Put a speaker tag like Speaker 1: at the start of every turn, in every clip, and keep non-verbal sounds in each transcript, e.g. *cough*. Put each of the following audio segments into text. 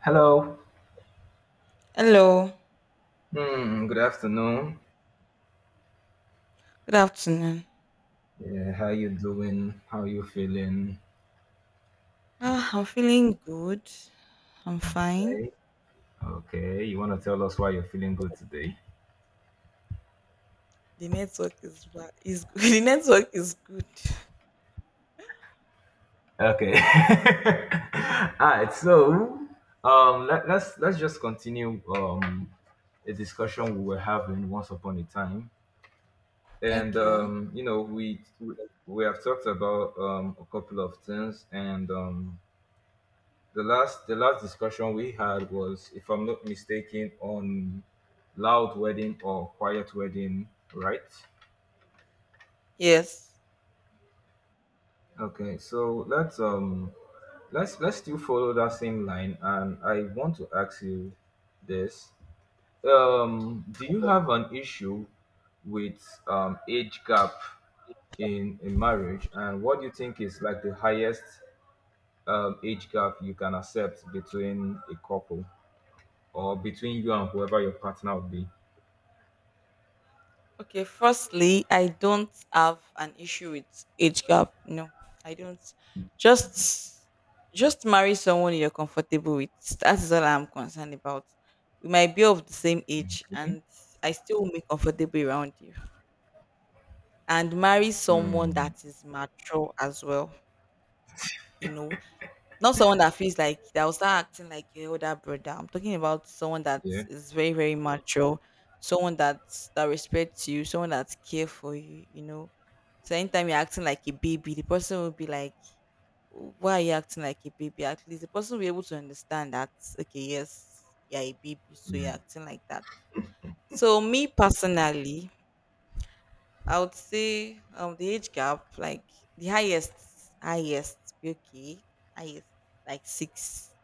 Speaker 1: Hello.
Speaker 2: Hello,
Speaker 1: Hmm, good afternoon.
Speaker 2: good afternoon.
Speaker 1: Yeah, how you doing? How you feeling?
Speaker 2: I'm feeling good. I'm fine.
Speaker 1: Okay. Okay, you want to tell us why you're feeling good today?
Speaker 2: The network is good. *laughs* The network is good.
Speaker 1: Okay. *laughs* All right. So, let's just continue a discussion we were having once upon a time, and
Speaker 2: Okay.
Speaker 1: we have talked about a couple of things, and the last discussion we had was, if I'm not mistaken, on loud wedding or quiet wedding, right?
Speaker 2: Yes.
Speaker 1: Okay, so let's still follow that same line, and I want to ask you this: do you have an issue with age gap in marriage, and what do you think is like the highest age gap you can accept between a couple or between you and whoever your partner would be?
Speaker 2: Okay. Firstly, I don't have an issue with age gap. No, I don't. Just just marry someone you're comfortable with. That is all I'm concerned about. We might be of the same age,
Speaker 1: Okay.
Speaker 2: and I still will be comfortable around you. And marry someone
Speaker 1: Hmm.
Speaker 2: that is mature as well. You know, Not someone that feels like that will start acting like your older brother. I'm talking about someone that
Speaker 1: Yeah.
Speaker 2: is very, very mature, someone that respects you, someone that care for you. So anytime you're acting like a baby, the person will be like, "Why are you acting like a baby?" At least the person will be able to understand that. Okay, yes, you're a baby, so you're acting like that. So me personally, I would say the age gap, like the highest, highest, okay, highest, like six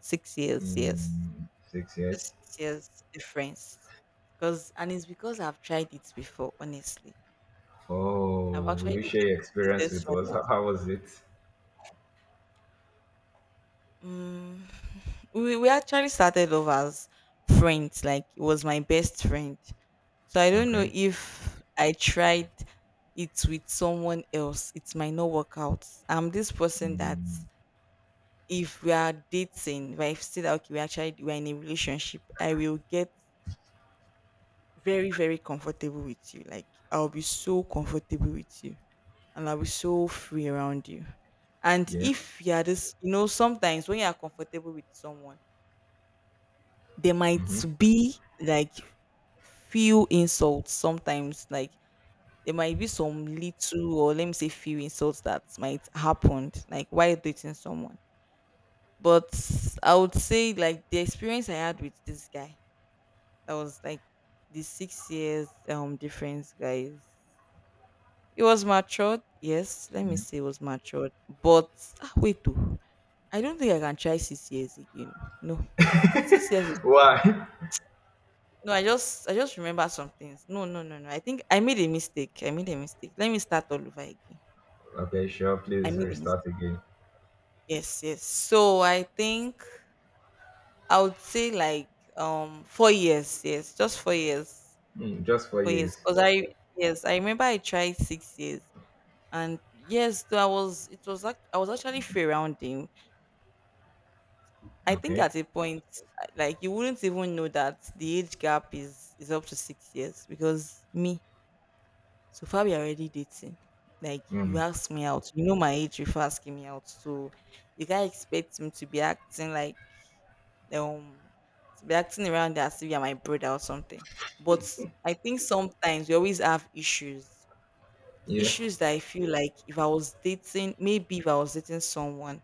Speaker 2: 6 years, yes.
Speaker 1: Hmm. Six
Speaker 2: Just
Speaker 1: years.
Speaker 2: 6 years difference. Because and it's because I've tried it before, honestly. I've
Speaker 1: Oh, will
Speaker 2: actually
Speaker 1: you
Speaker 2: did
Speaker 1: share your
Speaker 2: did
Speaker 1: experience
Speaker 2: this
Speaker 1: with us?
Speaker 2: one.
Speaker 1: How was it?
Speaker 2: Mm, *laughs* we actually started off as friends, like it was my best friend. So I don't know
Speaker 1: Okay.
Speaker 2: if I tried it with someone else, it might not work out. I'm this person that
Speaker 1: Hmm.
Speaker 2: if we are dating, if I see that okay, we're in a relationship, I will get very very comfortable with you, like I'll be so comfortable with you, and I'll be so free around you. And
Speaker 1: Yeah.
Speaker 2: if you're this, you know, sometimes when you're comfortable with someone, there
Speaker 1: Mm-hmm.
Speaker 2: might be, like, few insults sometimes, like there might be some little, or let me say few insults that might happen like while dating someone. But I would say like the experience I had with this guy, that was like the 6 years difference guys. It was matured. Yes, let me
Speaker 1: Yeah.
Speaker 2: say it was matured. But wait, though. I don't think I can try 6 years again. No, 6 years. Is,
Speaker 1: *laughs* Why?
Speaker 2: no, I just remember some things. No, no, no, no. I think I made a mistake. I made a mistake. Let me start all over again.
Speaker 1: Okay, sure.
Speaker 2: I
Speaker 1: Please
Speaker 2: made a
Speaker 1: restart
Speaker 2: mistake.
Speaker 1: again.
Speaker 2: Yes, yes. So I think I would say like 4 years. Yes, just 4 years.
Speaker 1: Hmm. Just four
Speaker 2: 4 years.
Speaker 1: years.
Speaker 2: Cause I, yes, I remember I tried 6 years. And yes, though I was actually free rounding, I think,
Speaker 1: Okay.
Speaker 2: at a point, like you wouldn't even know that the age gap is up to 6 years because me, so far we are already dating. Like
Speaker 1: Hmm.
Speaker 2: you ask me out, you know my age before asking me out, so you can't expect him to be acting like um to be acting around as if you're my brother or something. But I think sometimes we always have issues,
Speaker 1: Yeah.
Speaker 2: issues that I feel like if I was dating, maybe if I was dating someone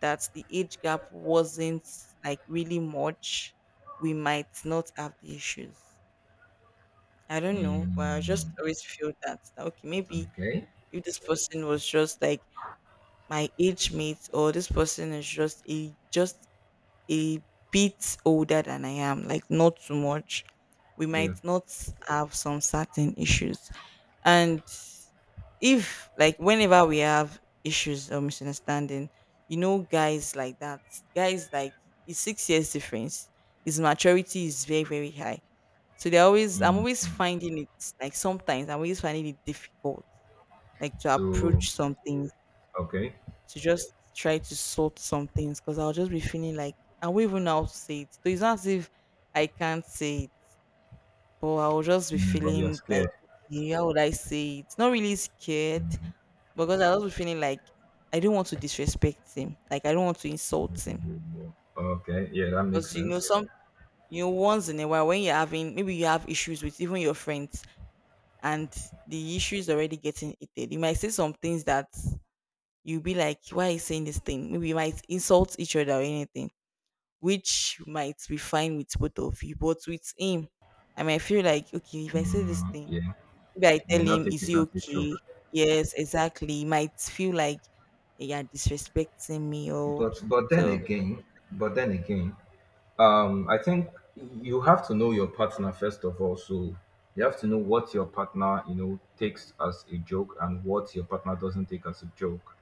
Speaker 2: that the age gap wasn't like really much, we might not have the issues. I don't know, but I just
Speaker 1: Hmm.
Speaker 2: always feel that okay, maybe
Speaker 1: Okay.
Speaker 2: if this person was just like my age mate, or this person is just a bit older than I am, like not too much, we
Speaker 1: Yeah.
Speaker 2: might not have some certain issues. And if like whenever we have issues or misunderstanding, you know, guys like that, guys like it's 6 years difference. His maturity is very very high, so they are always I'm
Speaker 1: Hmm,
Speaker 2: always
Speaker 1: hmm.
Speaker 2: finding it, like sometimes I'm always finding it difficult, like to
Speaker 1: So,
Speaker 2: approach some things,
Speaker 1: okay.
Speaker 2: to just try to sort some things because I'll just be feeling like I won't even know how to say it. So it's not as if I can't say it, but I'll just be
Speaker 1: Hmm, but you're
Speaker 2: feeling like,
Speaker 1: scared.
Speaker 2: "Okay, how would I say it? Not really scared
Speaker 1: Hmm,
Speaker 2: because I was just feeling like I don't want to disrespect him. Like I don't want to insult
Speaker 1: hmm,
Speaker 2: him.
Speaker 1: hmm. Okay. Yeah, that makes
Speaker 2: Because you know,
Speaker 1: sense.
Speaker 2: some you know, once in a while when you're having maybe you have issues with even your friends, and the issue is already getting heated. You might say some things that you'll be like, why are you saying this thing? Maybe you might insult each other or anything, which might be fine with both of you. But with him, I might feel like, okay, if I say this
Speaker 1: Mm,
Speaker 2: thing,
Speaker 1: yeah.
Speaker 2: maybe I
Speaker 1: You may
Speaker 2: tell
Speaker 1: not
Speaker 2: him,
Speaker 1: take
Speaker 2: is
Speaker 1: it
Speaker 2: he
Speaker 1: as a
Speaker 2: okay?
Speaker 1: joke.
Speaker 2: Yes, exactly. He might feel like, you are disrespecting me, oh!
Speaker 1: But then
Speaker 2: So.
Speaker 1: again, but then again I think you have to know your partner first of all, so you have to know what your partner takes as a joke and what your partner doesn't take as a joke.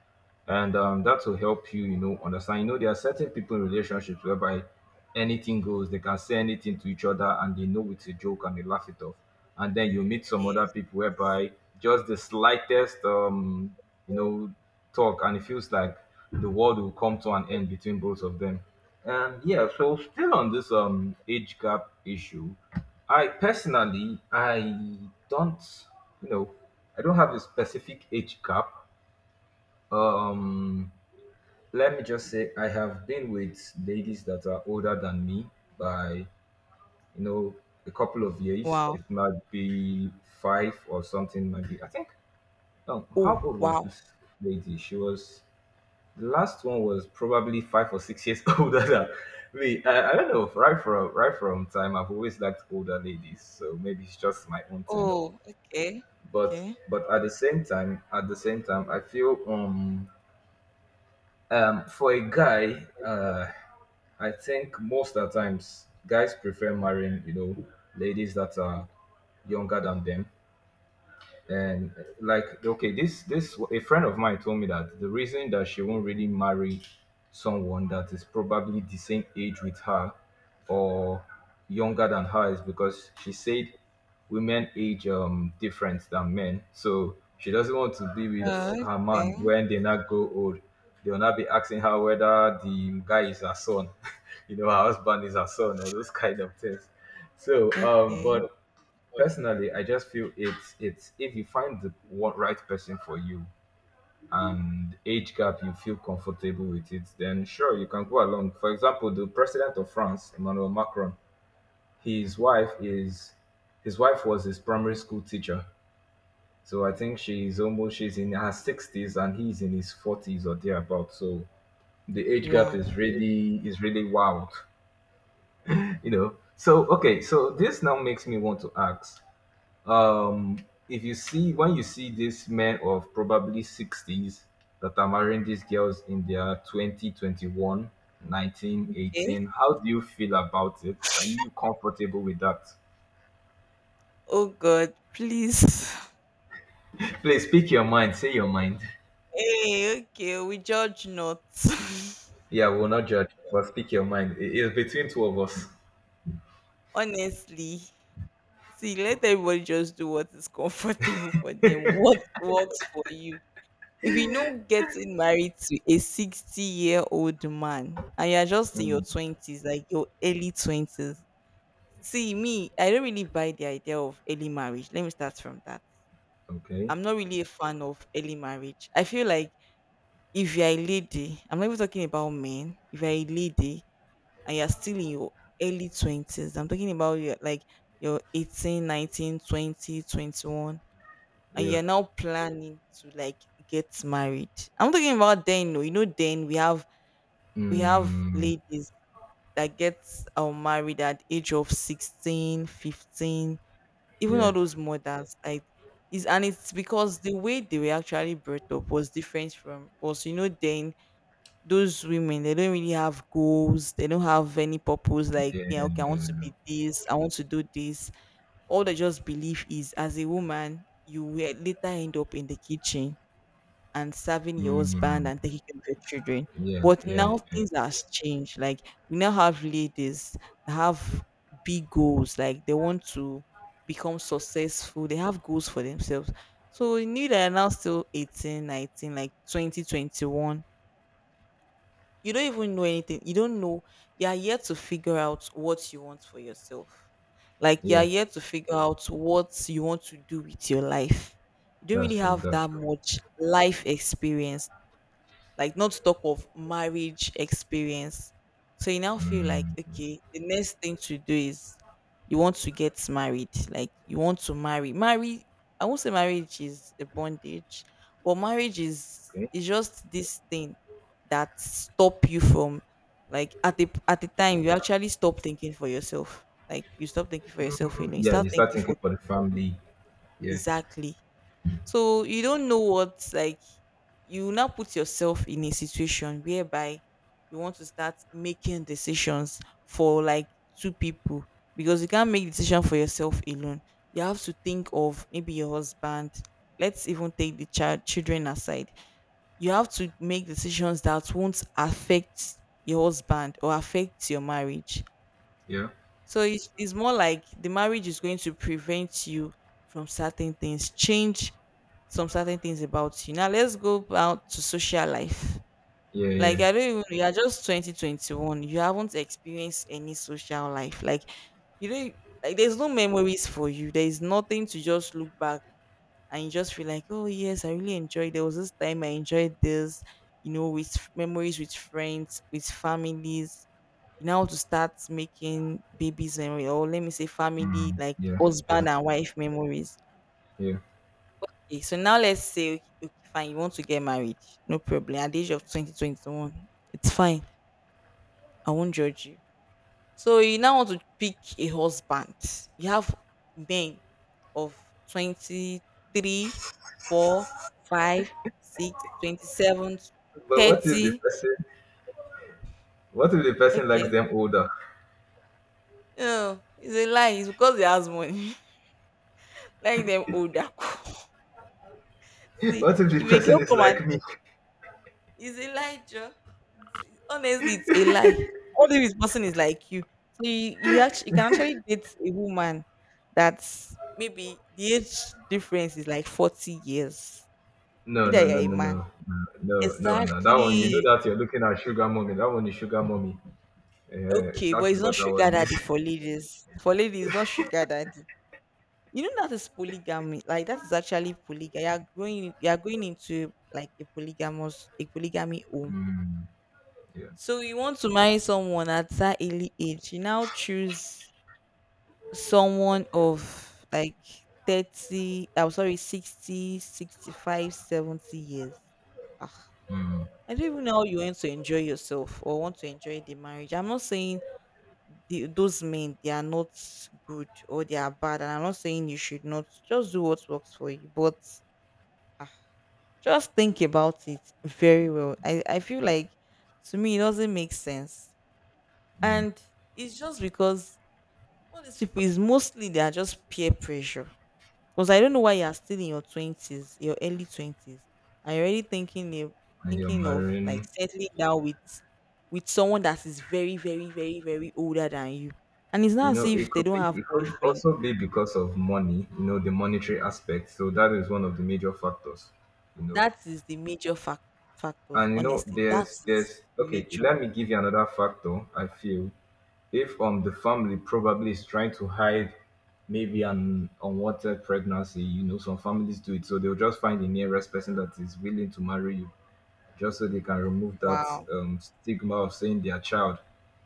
Speaker 1: And that will help you you know understand. There are certain people in relationships whereby anything goes, they can say anything to each other and they know it's a joke and they laugh it off, and then you meet some other
Speaker 2: Yes,
Speaker 1: people
Speaker 2: yes.
Speaker 1: whereby just the slightest you know talk, and it feels like the world will come to an end between both of them. And yeah, so still on this age gap issue, I personally, don't you know I don't have a specific age gap. Um, let me just say I have been with ladies that are older than me by know a couple of years.
Speaker 2: Wow.
Speaker 1: It might be five or something. Might be, I think. Oh,
Speaker 2: Oh,
Speaker 1: how old was
Speaker 2: wow.
Speaker 1: this lady? She was The last one was probably 5 or 6 years *laughs* older than me. I don't know. Right from time, I've always liked older ladies, so maybe it's just my own thing.
Speaker 2: Oh, okay.
Speaker 1: But
Speaker 2: Okay.
Speaker 1: but at the same time, I feel for a guy, I think most of the times guys prefer marrying ladies that are younger than them. And like, okay, this a friend of mine told me that the reason that she won't really marry someone that is probably the same age with her or younger than her is because she said women age different than men, so she doesn't want to be with her
Speaker 2: Okay.
Speaker 1: man when they not go old. They'll not be asking her whether the guy is her son, *laughs* her husband is her son or those kind of things. So
Speaker 2: Okay.
Speaker 1: but personally, I just feel it's if you find the one, right person for you, and age gap you feel comfortable with it, then sure, you can go along. For example, the president of France, Emmanuel Macron, his wife is his wife was his primary school teacher. So I think she's in her sixties and he's in his forties or thereabout. So the age gap
Speaker 2: Wow.
Speaker 1: is really wild. *laughs* Okay, so this now makes me want to ask um if you see these men of probably 60s that are marrying these girls in their 20, 21, 19,
Speaker 2: Okay.
Speaker 1: 18. How do you feel about it? Are you comfortable with that?
Speaker 2: Oh God, please. *laughs*
Speaker 1: Please speak your mind, say your mind.
Speaker 2: Hey, okay, we judge not. *laughs*
Speaker 1: Yeah, we'll not judge, but speak your mind. It is between two of us.
Speaker 2: Honestly. See, let everybody just do what is comfortable for them. *laughs* What works for you? If you know getting married to a 60-year-old man and you're just in your 20s, like your early 20s, see me, I don't really buy the idea of early marriage. Let me start from that.
Speaker 1: Okay.
Speaker 2: I'm not really a fan of early marriage. I feel like if you're a lady, I'm not even talking about men, if you're a lady and you're still in your early 20s, I'm talking about your, like, your 18, 19, 20, 21, and
Speaker 1: Yeah.
Speaker 2: you're now planning to like get married. I'm talking about then, no, you know, then we have
Speaker 1: Mm,
Speaker 2: ladies that get married at age of 16, 15, even
Speaker 1: yeah,
Speaker 2: all those mothers, like, is and it's because the way they were actually brought up was different from us. You know, then those women, they don't really have goals, they don't have any purpose, like yeah,
Speaker 1: yeah.
Speaker 2: okay, I want to be this, I want to do this. All they just believe is as a woman, you will later end up in the kitchen and serving your husband
Speaker 1: Mm,
Speaker 2: and taking care of your children.
Speaker 1: yeah,
Speaker 2: But
Speaker 1: yeah,
Speaker 2: now
Speaker 1: yeah,
Speaker 2: things has changed. Like we now have ladies that have big goals. Like they want to become successful. They have goals for themselves. So you knew that are now still 18, 19, like 20, 21. You don't even know anything. You don't know. You are yet to figure out what you want for yourself. Like you are
Speaker 1: yeah.
Speaker 2: yet to figure out what you want to do with your life. You don't
Speaker 1: That's
Speaker 2: really
Speaker 1: true,
Speaker 2: have
Speaker 1: that's
Speaker 2: that
Speaker 1: true.
Speaker 2: much life experience, like not to talk of marriage experience. So you now feel like, okay, the next thing to do is you want to get married. Like you want to marry. Marry, I won't say marriage is a bondage, but marriage is
Speaker 1: Okay,
Speaker 2: is just this thing that stop you from, like, at the time you actually stop thinking for yourself. Like you stop thinking for yourself, you know, you
Speaker 1: yeah.
Speaker 2: start
Speaker 1: You start
Speaker 2: thinking for
Speaker 1: thinking for
Speaker 2: two
Speaker 1: the
Speaker 2: people.
Speaker 1: family. Yeah,
Speaker 2: Exactly, so you don't know what, like you now put yourself in a situation whereby you want to start making decisions for, like, two people, because you can't make decision for yourself alone. You have to think of maybe your husband. Let's even take the child children aside. You have to make decisions that won't affect your husband or affect your marriage.
Speaker 1: yeah,
Speaker 2: So it's more like the marriage is going to prevent you from certain things, change some certain things about you. Now let's go out to social life.
Speaker 1: yeah,
Speaker 2: Like
Speaker 1: yeah.
Speaker 2: I don't even, you're just 2021. You haven't experienced any social life. Like you don't, like there's no memories for you. There is nothing to just look back and you just feel like, oh yes, I really enjoyed, there was this time I enjoyed this, you know, with memories with friends, with families. You now want to start making babies memory, or let me say family, like
Speaker 1: Yeah, yeah,
Speaker 2: husband and wife memories.
Speaker 1: yeah.
Speaker 2: Okay, so now let's say okay, okay, fine, you want to get married, no problem. At the age of twenty one, it's fine. I won't judge you. So you now want to pick a husband. You have men of 23, four, five, six, 27,
Speaker 1: But what if the
Speaker 2: 30.
Speaker 1: person What if the person likes
Speaker 2: Okay.
Speaker 1: them older?
Speaker 2: No, it's a lie. It's because he has money. *laughs* Like them older. *laughs*
Speaker 1: *laughs*
Speaker 2: See,
Speaker 1: What if the
Speaker 2: if a
Speaker 1: person
Speaker 2: girl
Speaker 1: is
Speaker 2: come and,
Speaker 1: like me?
Speaker 2: it's a lie, Joe. Honestly, it's a lie. Only if this person is like you. So you actually you can actually date a woman that's maybe the age difference is like 40 years. You
Speaker 1: No,
Speaker 2: that
Speaker 1: no,
Speaker 2: you're
Speaker 1: no,
Speaker 2: a
Speaker 1: no,
Speaker 2: man.
Speaker 1: no, no, no, no. That one, you know
Speaker 2: Exactly.
Speaker 1: that you're looking at sugar mommy. That one is sugar mommy. Uh,
Speaker 2: Okay,
Speaker 1: that
Speaker 2: but
Speaker 1: is
Speaker 2: it's not
Speaker 1: what that
Speaker 2: sugar
Speaker 1: one is.
Speaker 2: daddy
Speaker 1: *laughs*
Speaker 2: for ladies. For ladies, it's not sugar daddy. You know that is polygamy. Like that is actually polygamy. You're growing you're going into like a polygamous a polygamy home.
Speaker 1: Mm, yeah,
Speaker 2: So you want to marry someone at that early age. You now choose someone of like 30, I'm sorry, 60, 65, 70 years. Ah, I don't even know how you want to enjoy yourself or want to enjoy the marriage. I'm not saying the, those men, they are not good or they are bad. And I'm not saying you should not just do what works for you. But ah, just think about it very well. I feel like to me, it doesn't make sense.
Speaker 1: yeah.
Speaker 2: And it's just because all these people is mostly they are just peer pressure. Because I don't know why you are still in your 20s, your early 20s, and you're already thinking of
Speaker 1: And you're
Speaker 2: like
Speaker 1: marrying.
Speaker 2: settling down with someone that is very, very, very, very older than you. And it's not as
Speaker 1: It
Speaker 2: if they
Speaker 1: could
Speaker 2: don't
Speaker 1: be.
Speaker 2: have
Speaker 1: It could
Speaker 2: boyfriend.
Speaker 1: also be because of money. The monetary aspect. So that is one of the major factors. You know,
Speaker 2: That is the major factors,
Speaker 1: and
Speaker 2: honestly. That
Speaker 1: there's,
Speaker 2: is
Speaker 1: there's.
Speaker 2: the
Speaker 1: Okay,
Speaker 2: major.
Speaker 1: let me give you another factor. I feel if the family probably is trying to hide maybe an unwanted pregnancy. Some families do it, so they'll just find the nearest person that is willing to marry you just so they can remove that
Speaker 2: Wow.
Speaker 1: stigma of saying their child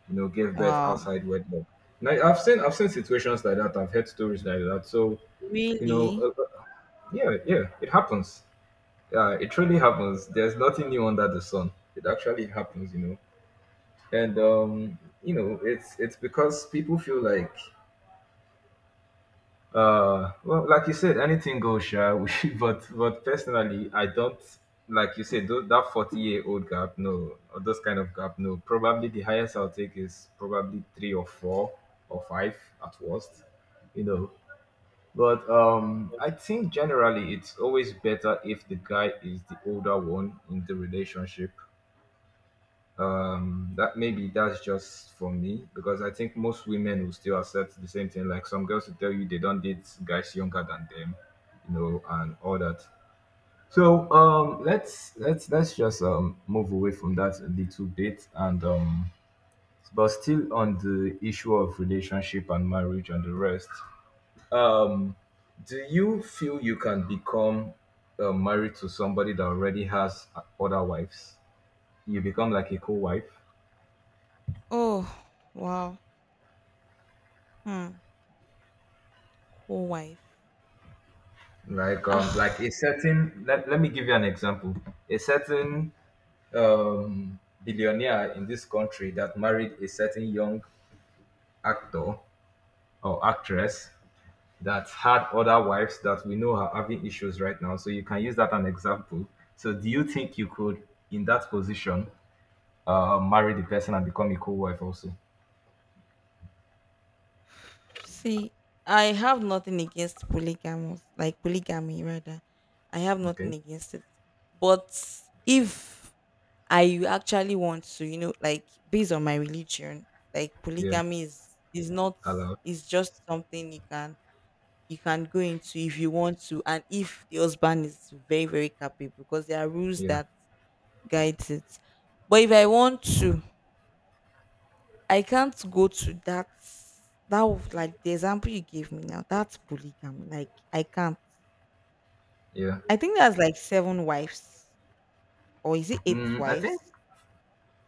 Speaker 1: gave birth
Speaker 2: Wow.
Speaker 1: outside wedlock. Now I've seen situations like that, I've heard stories like that. So, you know
Speaker 2: Really?
Speaker 1: uh, uh, yeah, yeah, it happens. Yeah, it truly happens, there's nothing new under the sun, it actually happens, you know and you know it's because people feel like. Well, like you said, anything goes, sha. *laughs* But personally, I don't, like you said, that 40-year-old gap. No, or those kind of gap. No, probably the highest I'll take is probably three or four or five at worst. You know, but I think generally it's always better if the guy is the older one in the relationship, that maybe that's just for me, because I think most women will still accept the same thing. Like, some girls will tell you they don't date guys younger than them, and all that. So let's just move away from that a little bit, and but still on the issue of relationship and marriage and the rest. um do you feel you can become married to somebody that already has other wives, you become like a co-wife?
Speaker 2: Oh, wow. Hmm. Cool wife.
Speaker 1: Like,
Speaker 2: Ah.
Speaker 1: a certain... Let me give you an example. A certain um billionaire in this country that married a certain young actor or actress that had other wives that we know are having issues right now. So you can use that an example. So do you think you could in that position marry the person and become a co-wife also?
Speaker 2: See, I have nothing against polygamous, like polygamy rather. I have nothing
Speaker 1: Okay,
Speaker 2: against it. But if I actually want to, you know, like based on my religion, like
Speaker 1: yeah,
Speaker 2: polygamy is not,
Speaker 1: allowed.
Speaker 2: is just something you can, you can go into if you want to and if the husband is very, very capable because there are rules
Speaker 1: Yeah,
Speaker 2: that guides it. But if I want to, I can't go to that. That was like the example you gave me now, that's polygamy. Like I can't.
Speaker 1: yeah.
Speaker 2: I think that's like 7 wives, or is it eight
Speaker 1: Mm, i think
Speaker 2: wives?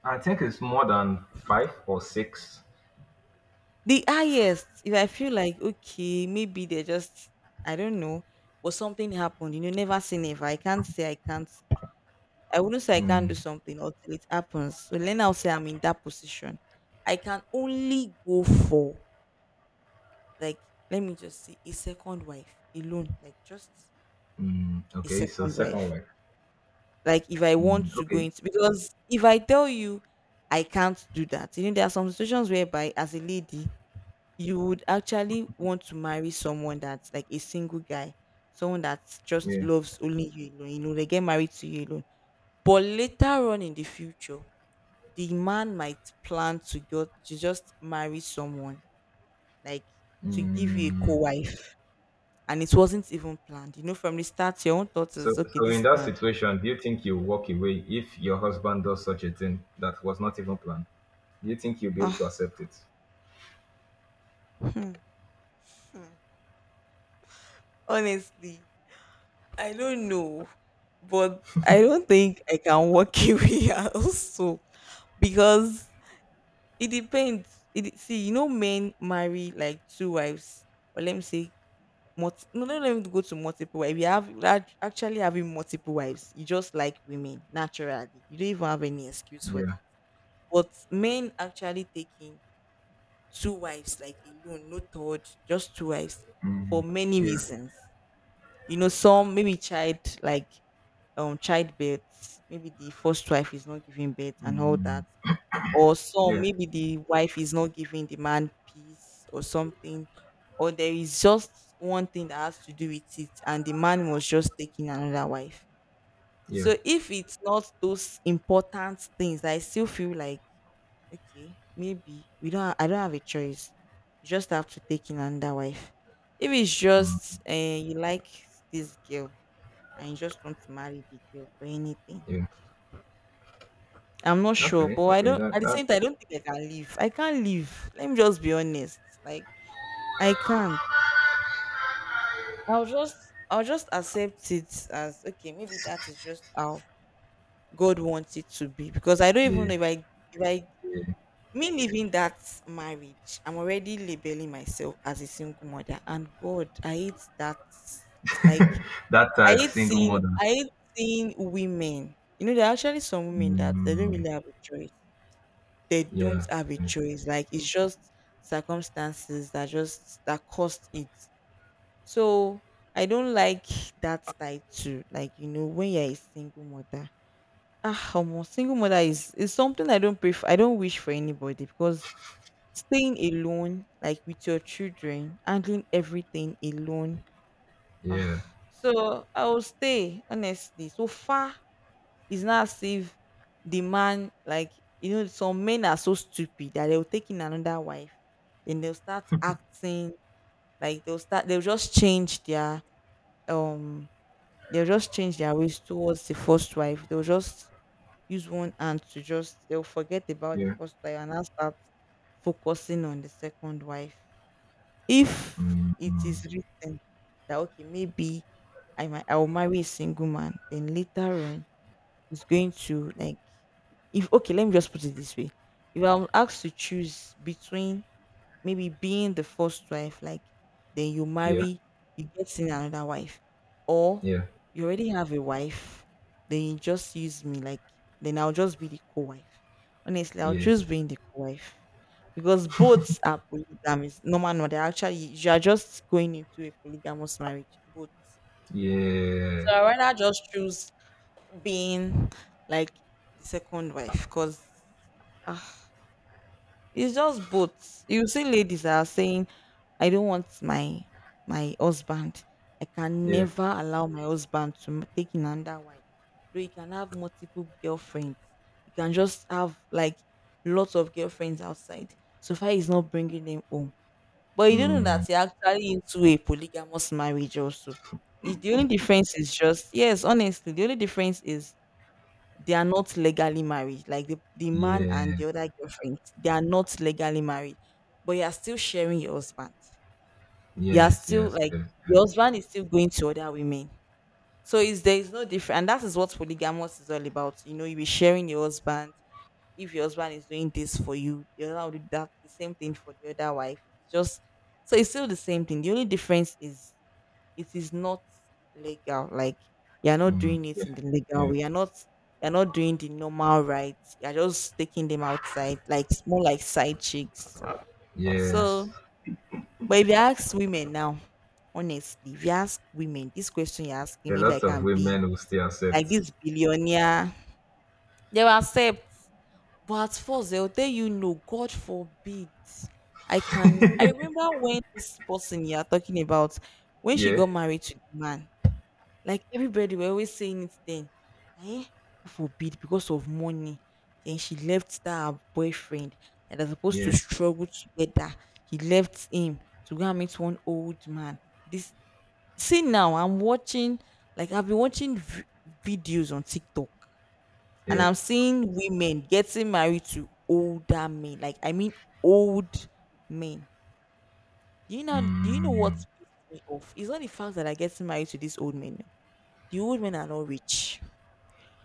Speaker 1: i think it's more than five or six.
Speaker 2: The highest, if I feel like okay, maybe they're just, I don't know, but something happened. You know, never say never. I can't say I can't. I wouldn't say I can't do
Speaker 1: Mm.
Speaker 2: something until it happens. So let now say I'm in that position. I can only go for, like, let me just say a second wife alone, like just
Speaker 1: Mm,
Speaker 2: a
Speaker 1: okay, so
Speaker 2: second
Speaker 1: second
Speaker 2: wife.
Speaker 1: wife.
Speaker 2: Like if I want
Speaker 1: Mm,
Speaker 2: to go
Speaker 1: okay,
Speaker 2: into, because if I tell you I can't do that, you know, there are some situations whereby as a lady, you would actually want to marry someone that's like a single guy, someone that just
Speaker 1: yeah.
Speaker 2: loves only you alone, you know, they get married to you alone. But later on in the future, the man might plan to go to just marry someone, like, to give you a
Speaker 1: Mm,
Speaker 2: co-wife, and it wasn't even planned. You know, from the start, your own thoughts is
Speaker 1: so,
Speaker 2: okay,
Speaker 1: so in
Speaker 2: this
Speaker 1: that
Speaker 2: man.
Speaker 1: situation, do you think you walk away if your husband does such a thing that was not even planned? Do you think you'll be able
Speaker 2: Ah,
Speaker 1: to accept it?
Speaker 2: *laughs* honestly, I don't know, but I don't think I can work *laughs* away also because it depends. It see, you know, men marry like 2 wives, or let me say, multi, no, no, let me go to multiple wives. You have actually having multiple wives. You just like women naturally. You don't even have any excuse for
Speaker 1: Yeah,
Speaker 2: that. But men actually taking 2 wives like alone, no third, just 2 wives for many
Speaker 1: yeah,
Speaker 2: reasons. You know, some maybe child, like, childbirth, maybe the first wife is not giving birth and all that, or some
Speaker 1: yeah,
Speaker 2: maybe the wife is not giving the man peace or something, or there is just one thing that has to do with it and the man was just taking another wife.
Speaker 1: yeah,
Speaker 2: So if it's not those important things, I still feel like okay, maybe we don't ha- I don't have a choice, you just have to take in another wife. If it's just you like this girl and you just want to marry the girl or anything.
Speaker 1: yeah.
Speaker 2: I'm not sure,
Speaker 1: Okay,
Speaker 2: but I
Speaker 1: okay.
Speaker 2: don't. At
Speaker 1: That
Speaker 2: the same
Speaker 1: that
Speaker 2: time, I don't think I can leave. I can't leave. Let me just be honest. Like I can't. I'll just I'll just accept it as okay. Maybe that is just how God wants it to be. Because I don't even
Speaker 1: Yeah,
Speaker 2: know if I, if I,
Speaker 1: yeah.
Speaker 2: me leaving that marriage, I'm already labeling myself as a single mother. And God, I hate that. Like
Speaker 1: That tag single mother.
Speaker 2: I hate seeing women. You know, there are actually some women that they don't
Speaker 1: Mm,
Speaker 2: really have a choice, they don't
Speaker 1: yeah,
Speaker 2: have a
Speaker 1: yeah,
Speaker 2: choice. Like it's just circumstances that just that caused it. So I don't like that side too. Like, you know, when you're a single mother, ah, omo, single mother is something I don't prefer. I don't wish for anybody because staying alone, like with your children, handling everything alone, ah.
Speaker 1: yeah,
Speaker 2: So I will stay, honestly. So far it's not as if the man, like, you know, some men are so stupid that they'll take in another wife and they'll start acting like they'll just change their, um, they'll just change their ways towards the first wife. They'll just use one hand to just, they'll forget about the
Speaker 1: yeah,
Speaker 2: first wife and now start focusing on the second wife. If it is written that, okay, maybe I'll marry a single man, then later on, is going to like, if okay, let me just put it this way, if I'm asked to choose between maybe being the first wife, like, then you
Speaker 1: yeah,
Speaker 2: marry, you get in another wife, or you already have a wife, then you just use me, like, then I'll just be the co-wife, honestly I'll
Speaker 1: yeah,
Speaker 2: choose being the co-wife because both are polygamous, no man no they're actually, you are just going into a polygamous marriage both. So
Speaker 1: yeah,
Speaker 2: I rather just choose being, like, the second wife because it's just both. You see, ladies are saying, "I don't want my my husband. I can
Speaker 1: yeah.
Speaker 2: never allow my husband to take in another wife." Though you can have multiple girlfriends, you can just have like lots of girlfriends outside. So far, he's not bringing them home. But you don't know
Speaker 1: Mm,
Speaker 2: that you're actually into a polygamous marriage also. It's the only difference is just, yes, honestly, the only difference is they are not legally married. Like the man and
Speaker 1: yeah,
Speaker 2: the other girlfriend, they are not legally married, but you are still sharing your husband. You are
Speaker 1: yes,
Speaker 2: still,
Speaker 1: yes,
Speaker 2: like,
Speaker 1: yes,
Speaker 2: your
Speaker 1: yes.
Speaker 2: husband is still going to other women. So is no different, and that is what polygamous is all about. You know, you be sharing your husband. If your husband is doing this for you, the other will do that the same thing for the other wife. It's just, so it's still the same thing. The only difference is it is not legal. Like you're not doing it
Speaker 1: Yeah,
Speaker 2: in the legal
Speaker 1: yeah,
Speaker 2: way. You're not doing the normal rights. You're just taking them outside, like more like side chicks.
Speaker 1: yes.
Speaker 2: So but if you ask women now, honestly, if you ask women this question you're
Speaker 1: A
Speaker 2: asking me, if I
Speaker 1: lot of
Speaker 2: can be
Speaker 1: women will still
Speaker 2: like
Speaker 1: accept.
Speaker 2: this billionaire, they will accept. But at first they'll tell you no, God forbid. I remember when this person you're talking about, when she
Speaker 1: Yeah,
Speaker 2: got married to the man, like everybody were always saying it then. Eh? God forbid, because of money. Then she left that her boyfriend that was supposed to
Speaker 1: yeah,
Speaker 2: struggle together. He left him to go and meet one old man. This, see now I'm watching, like I've been watching videos on TikTok and
Speaker 1: yeah.
Speaker 2: I'm seeing women getting married to older men. Like I mean old men. Do you know, what
Speaker 1: Mm,
Speaker 2: pissed me off? It's not the fact that I get married to these old men. The old men are not rich.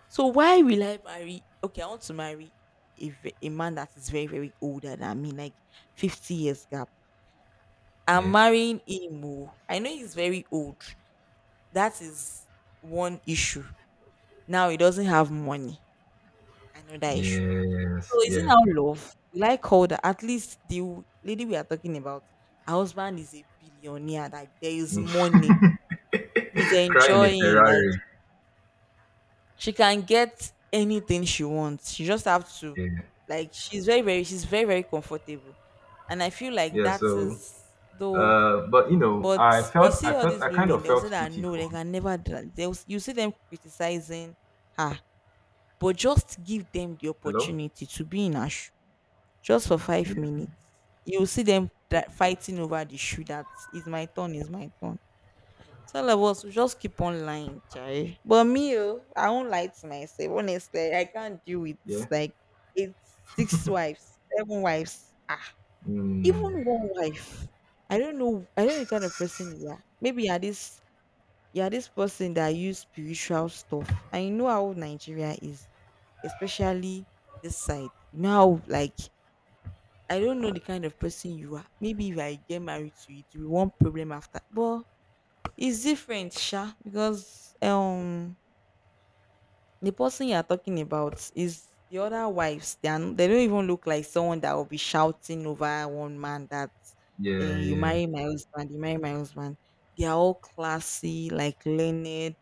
Speaker 2: So why will I marry? Okay, I want to marry a, a man that is very, very older than me, like 50 years gap. I'm
Speaker 1: yeah,
Speaker 2: marrying him. Oh. I know he's very old. That is one issue. Now he doesn't have money. Another issue.
Speaker 1: yes,
Speaker 2: So is it
Speaker 1: yeah.
Speaker 2: now love? Will I call that? At least the lady we are talking about, her husband is a billionaire. Like there is money. He's
Speaker 1: Cry in a
Speaker 2: enjoying. Like
Speaker 1: Ferrari.
Speaker 2: she can get anything she wants. She just have to,
Speaker 1: Yeah,
Speaker 2: like, she's very very comfortable. And I feel like
Speaker 1: yeah.
Speaker 2: that
Speaker 1: So,
Speaker 2: is, though,
Speaker 1: but
Speaker 2: but you see all these
Speaker 1: I kind
Speaker 2: women,
Speaker 1: of
Speaker 2: they'll say
Speaker 1: felt
Speaker 2: that
Speaker 1: pity
Speaker 2: no,
Speaker 1: for
Speaker 2: they
Speaker 1: her.
Speaker 2: can never do that. They'll, you see them criticizing her. But just give them the
Speaker 1: Hello.
Speaker 2: opportunity to be in her shoe just for five
Speaker 1: Yeah,
Speaker 2: minutes. You'll see them that fighting over the shoe that is my turn, is my turn. Some of us we just keep on lying, chai. But me, oh, I won't lie to myself. Honestly, I can't deal with
Speaker 1: yeah.
Speaker 2: like eight, 6 wives, 7 wives. Ah,
Speaker 1: Mm,
Speaker 2: even one wife. I don't know. I don't know the kind of person you are. Maybe you're this, you're this person that use spiritual stuff. And you know how Nigeria is, especially this side. You know how like, I don't know the kind of person you are. Maybe if I get married to you, it will be one problem after. But it's different, sha, because the person you are talking about is the other wives. They are, they don't even look like someone that will be shouting over one man that
Speaker 1: yeah,
Speaker 2: eh, you
Speaker 1: yeah,
Speaker 2: marry my husband, you marry my husband. They are all classy, like learned.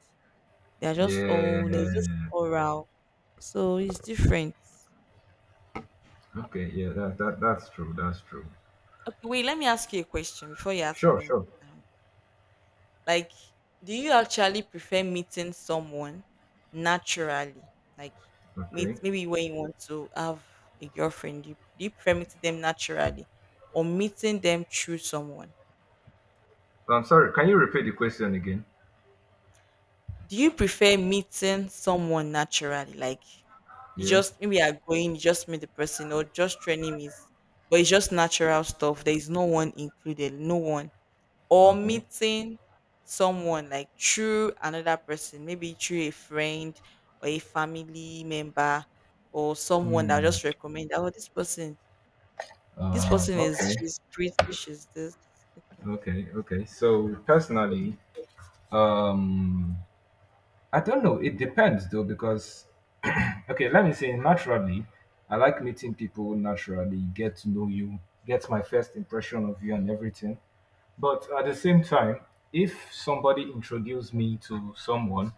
Speaker 2: They are just all they're just
Speaker 1: yeah.
Speaker 2: oral. So it's different.
Speaker 1: Okay, yeah. That's true. That's true.
Speaker 2: Okay, wait. Let me ask you a question before you ask
Speaker 1: Sure,
Speaker 2: me.
Speaker 1: sure.
Speaker 2: Like, do you actually prefer meeting someone naturally? Like, meet
Speaker 1: Okay.
Speaker 2: maybe when you want to have a girlfriend, do you prefer meeting them naturally or meeting them through someone?
Speaker 1: I'm sorry. Can you repeat the question again?
Speaker 2: Do you prefer meeting someone naturally? Like, you
Speaker 1: Yeah.
Speaker 2: just maybe are going, you just meet the person, or just training is, but it's just natural stuff. There is no one included, no one. Or
Speaker 1: Okay.
Speaker 2: meeting someone like through another person, maybe through a friend or a family member or someone that will just recommend, oh, this person is
Speaker 1: Okay,
Speaker 2: she's pretty, she's this. Okay.
Speaker 1: okay, okay. So personally, um, I don't know. It depends though, because *clears throat* okay, let me say naturally, I like meeting people naturally, get to know you, get my first impression of you and everything. But at the same time, if somebody introduced me to someone,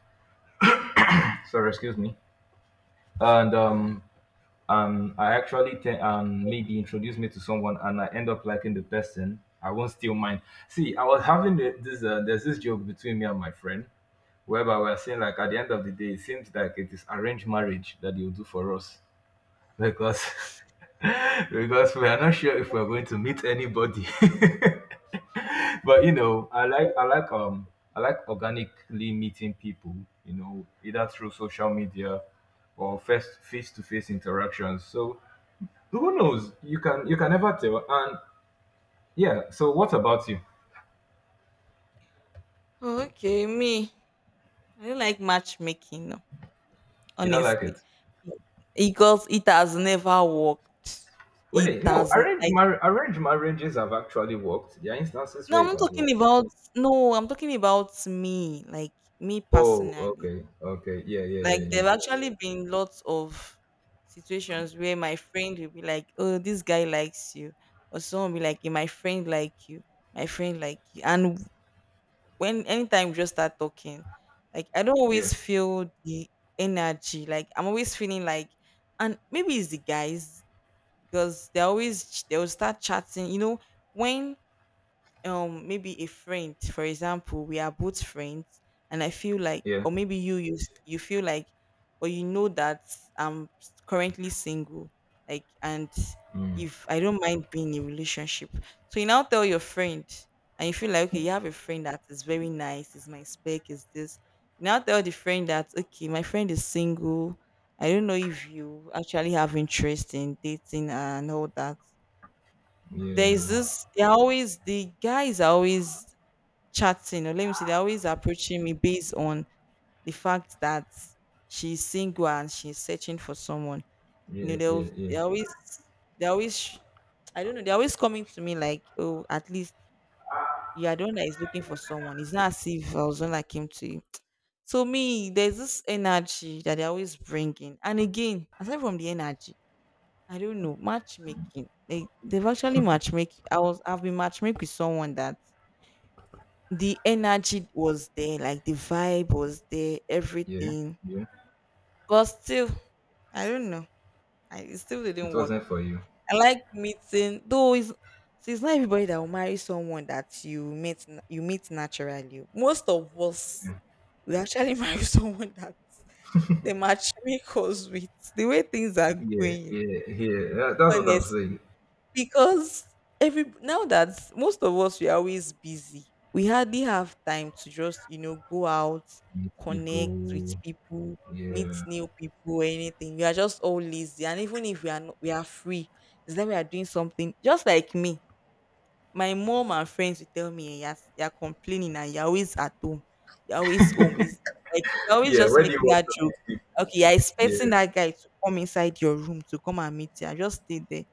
Speaker 1: sorry, excuse me, and
Speaker 2: All right.
Speaker 1: I actually think maybe introduce me to someone and I end up liking the person, I won't steal mine. See, I was having the- this there's this joke between me and my friend whereby we're saying like at the end of the day it seems like it is arranged marriage that you do for us, because *laughs* because we are not sure if we're going to meet anybody. *laughs* But I like organically meeting people, either through social media or first face to face interactions. So who knows? You can never tell. And yeah, so what about you?
Speaker 2: Okay, me. I don't like matchmaking, no,
Speaker 1: You don't like
Speaker 2: honestly.
Speaker 1: it?
Speaker 2: Because it has never worked. It
Speaker 1: Wait, no,
Speaker 2: has n-
Speaker 1: arranged
Speaker 2: like
Speaker 1: arranged marriages have actually worked. There are instances
Speaker 2: no,
Speaker 1: where
Speaker 2: I'm
Speaker 1: it
Speaker 2: not
Speaker 1: has
Speaker 2: talking
Speaker 1: worked.
Speaker 2: about no, I'm talking about me, like me
Speaker 1: Oh,
Speaker 2: personally.
Speaker 1: okay, okay, yeah, yeah, yeah,
Speaker 2: Like
Speaker 1: yeah,
Speaker 2: there've actually been lots of situations where my friend will be like, "Oh, this guy likes you," or someone will be like, "Yeah, my friend like you, my friend like you," and when anytime we just start talking, like I don't
Speaker 1: yeah,
Speaker 2: always feel the energy. Like I'm always feeling like, and maybe it's the guys because they always ch- they'll start chatting. You know when maybe a friend, for example, we are both friends and I feel like,
Speaker 1: yeah, yeah.
Speaker 2: or maybe you you s- you feel like or you know that I'm s- currently single, like, and
Speaker 1: Hmm.
Speaker 2: if I don't mind being in a relationship, so you now tell your friend and you feel like okay, you have a friend that is very nice, is my spec, is this, you now tell the friend that okay, my friend is single, I don't know if you actually have interest in dating and all that.
Speaker 1: Yeah,
Speaker 2: There's
Speaker 1: yeah,
Speaker 2: this, they're always, the guys are always chatting or, let me see, they're always approaching me based on the fact that she's single and she's searching for someone. You know,
Speaker 1: yeah,
Speaker 2: they'll,
Speaker 1: yeah,
Speaker 2: they always, they always sh- I don't know, they're always coming to me like, oh, at least you are the one that is looking for someone. It's not as if I was the one that came to you. So me, there's this energy that they always bring in. And again, aside from the energy, I don't know, matchmaking. They they've actually matchmake. I was I've been matchmake with someone that the energy was there, like the vibe was there,
Speaker 1: yeah,
Speaker 2: everything.
Speaker 1: yeah.
Speaker 2: But still, I don't know. I, it still
Speaker 1: It
Speaker 2: didn't work.
Speaker 1: wasn't for you.
Speaker 2: I like meeting, though. It's, so it's not everybody that will marry someone that you meet na- you meet naturally. Most of us
Speaker 1: Yeah,
Speaker 2: we actually *laughs* marry someone that the matchmakers *laughs* with the way things are
Speaker 1: yeah,
Speaker 2: going.
Speaker 1: yeah, yeah. That's what I'm
Speaker 2: Honestly.
Speaker 1: saying.
Speaker 2: Because every now that most of us we're always busy, we hardly have time to just, go out,
Speaker 1: Meet
Speaker 2: connect with
Speaker 1: people.
Speaker 2: people, meet
Speaker 1: Yeah,
Speaker 2: new people, anything. We are just all lazy, and even if we are not, we are free. It's that we are doing something. Just like me, my mom and friends will tell me, yes, you're complaining and you're always at home, you're always home is, you're always
Speaker 1: yeah.
Speaker 2: just
Speaker 1: Where do you
Speaker 2: making
Speaker 1: want
Speaker 2: that
Speaker 1: to
Speaker 2: joke.
Speaker 1: meet people?
Speaker 2: Okay, you're
Speaker 1: Yeah,
Speaker 2: expecting that guy to come inside your room to come and meet you, I just stay there.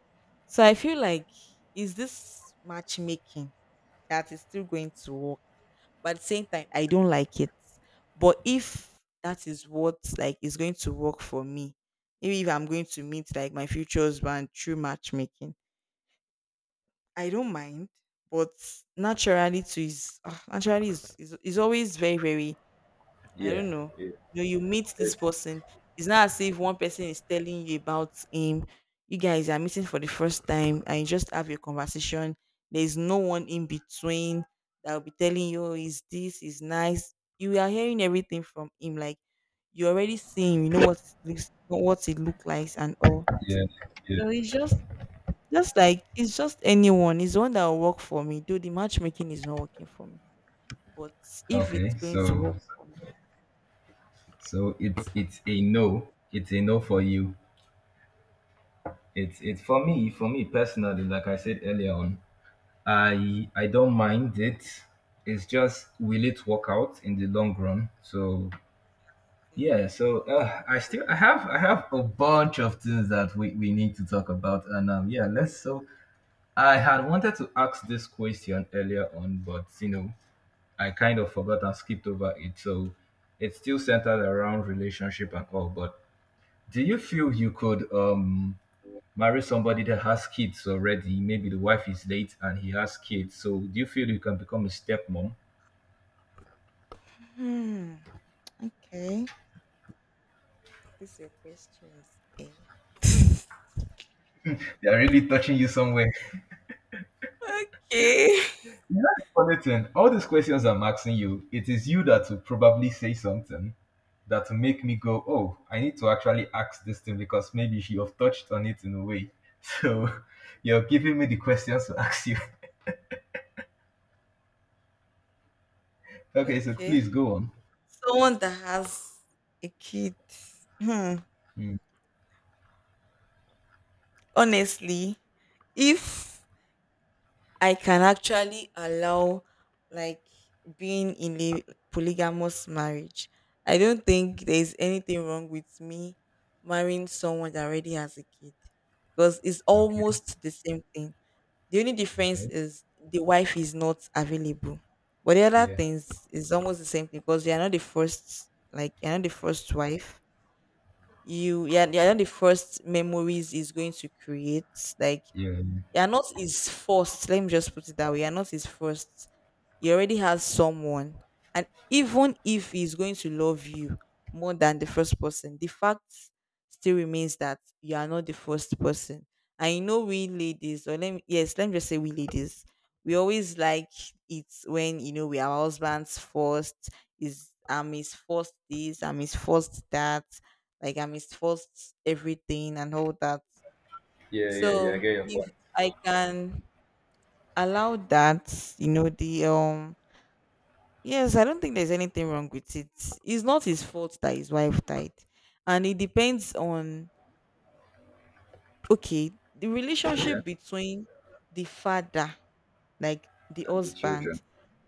Speaker 2: So I feel like, is this matchmaking that is still going to work? But at the same time, I don't like it. But if that is what like is going to work for me, maybe if I'm going to meet like my future husband through matchmaking, I don't mind. But naturally, to is, ah, naturally is always very, very, I
Speaker 1: yeah,
Speaker 2: don't know.
Speaker 1: yeah.
Speaker 2: You know, you meet this
Speaker 1: It's,
Speaker 2: person. It's not as if one person is telling you about him. You guys are meeting for the first time and you just have your conversation. There's no one in between that will be telling you, is this, is nice. You are hearing everything from him. Like you already seeing, you know what it looks, what it look like and all.
Speaker 1: yeah, yeah.
Speaker 2: So it's just like it's just anyone. It's one that will work for me. Though the matchmaking is not working for me. But if it's
Speaker 1: Okay,
Speaker 2: going to
Speaker 1: so
Speaker 2: work,
Speaker 1: so it's a no. It's a no for you. It's for me. For me personally, like I said earlier on, I don't mind it. It's just will it work out in the long run? So
Speaker 2: since-
Speaker 1: yeah, so I have a bunch of things that we need to talk about, and yeah, let's. So I had wanted to ask this question earlier on, but you know I kind of forgot and skipped over it. So it's still centered around relationship and all. But do you feel you could marry somebody that has kids already? Maybe the wife is late and he has kids. So do you feel you can become a stepmom? *laughs*
Speaker 2: hmm. Okay. This your questions. Eh?
Speaker 1: They are really touching you somewhere.
Speaker 2: Okay. *laughs*
Speaker 1: You know the funny thing? All these questions I'm asking you, it is you that will probably say something that will make me go, oh, I need to actually ask this thing because maybe you have touched on it in a way. *laughs* So you're giving me the questions to ask you. *laughs* Okay, so
Speaker 2: Okay.
Speaker 1: please go on.
Speaker 2: Someone that has a kid. Hmm.
Speaker 1: Mm,
Speaker 2: Honestly, if I can actually allow like being in a polygamous marriage, I don't think there's anything wrong with me marrying someone that already has a kid because it's
Speaker 1: okay,
Speaker 2: almost the same thing. The only difference
Speaker 1: okay.
Speaker 2: is the wife is not available. But the other
Speaker 1: Yeah,
Speaker 2: things is almost the same thing because you're not the first, like you're not the first wife. You're not the first memories is going to create. Like
Speaker 1: yeah,
Speaker 2: you're not his first. Let me just put it that way. You're not his first. He already has someone. And even if he's going to love you more than the first person, the fact still remains that you are not the first person. And you know, we ladies, or let me, yes, let me just say we ladies, we always like it when, you know, we are our husbands first, is I'm his first this, I'm his first that, like I'm his first everything and all that.
Speaker 1: yeah, yeah, yeah. Yeah, I
Speaker 2: So
Speaker 1: get your
Speaker 2: if
Speaker 1: point.
Speaker 2: I can allow that, you know, the yes, I don't think there's anything wrong with it. It's not his fault that his wife died. And it depends on, okay, the
Speaker 1: Yeah,
Speaker 2: relationship between the father, like the
Speaker 1: and the children.
Speaker 2: husband,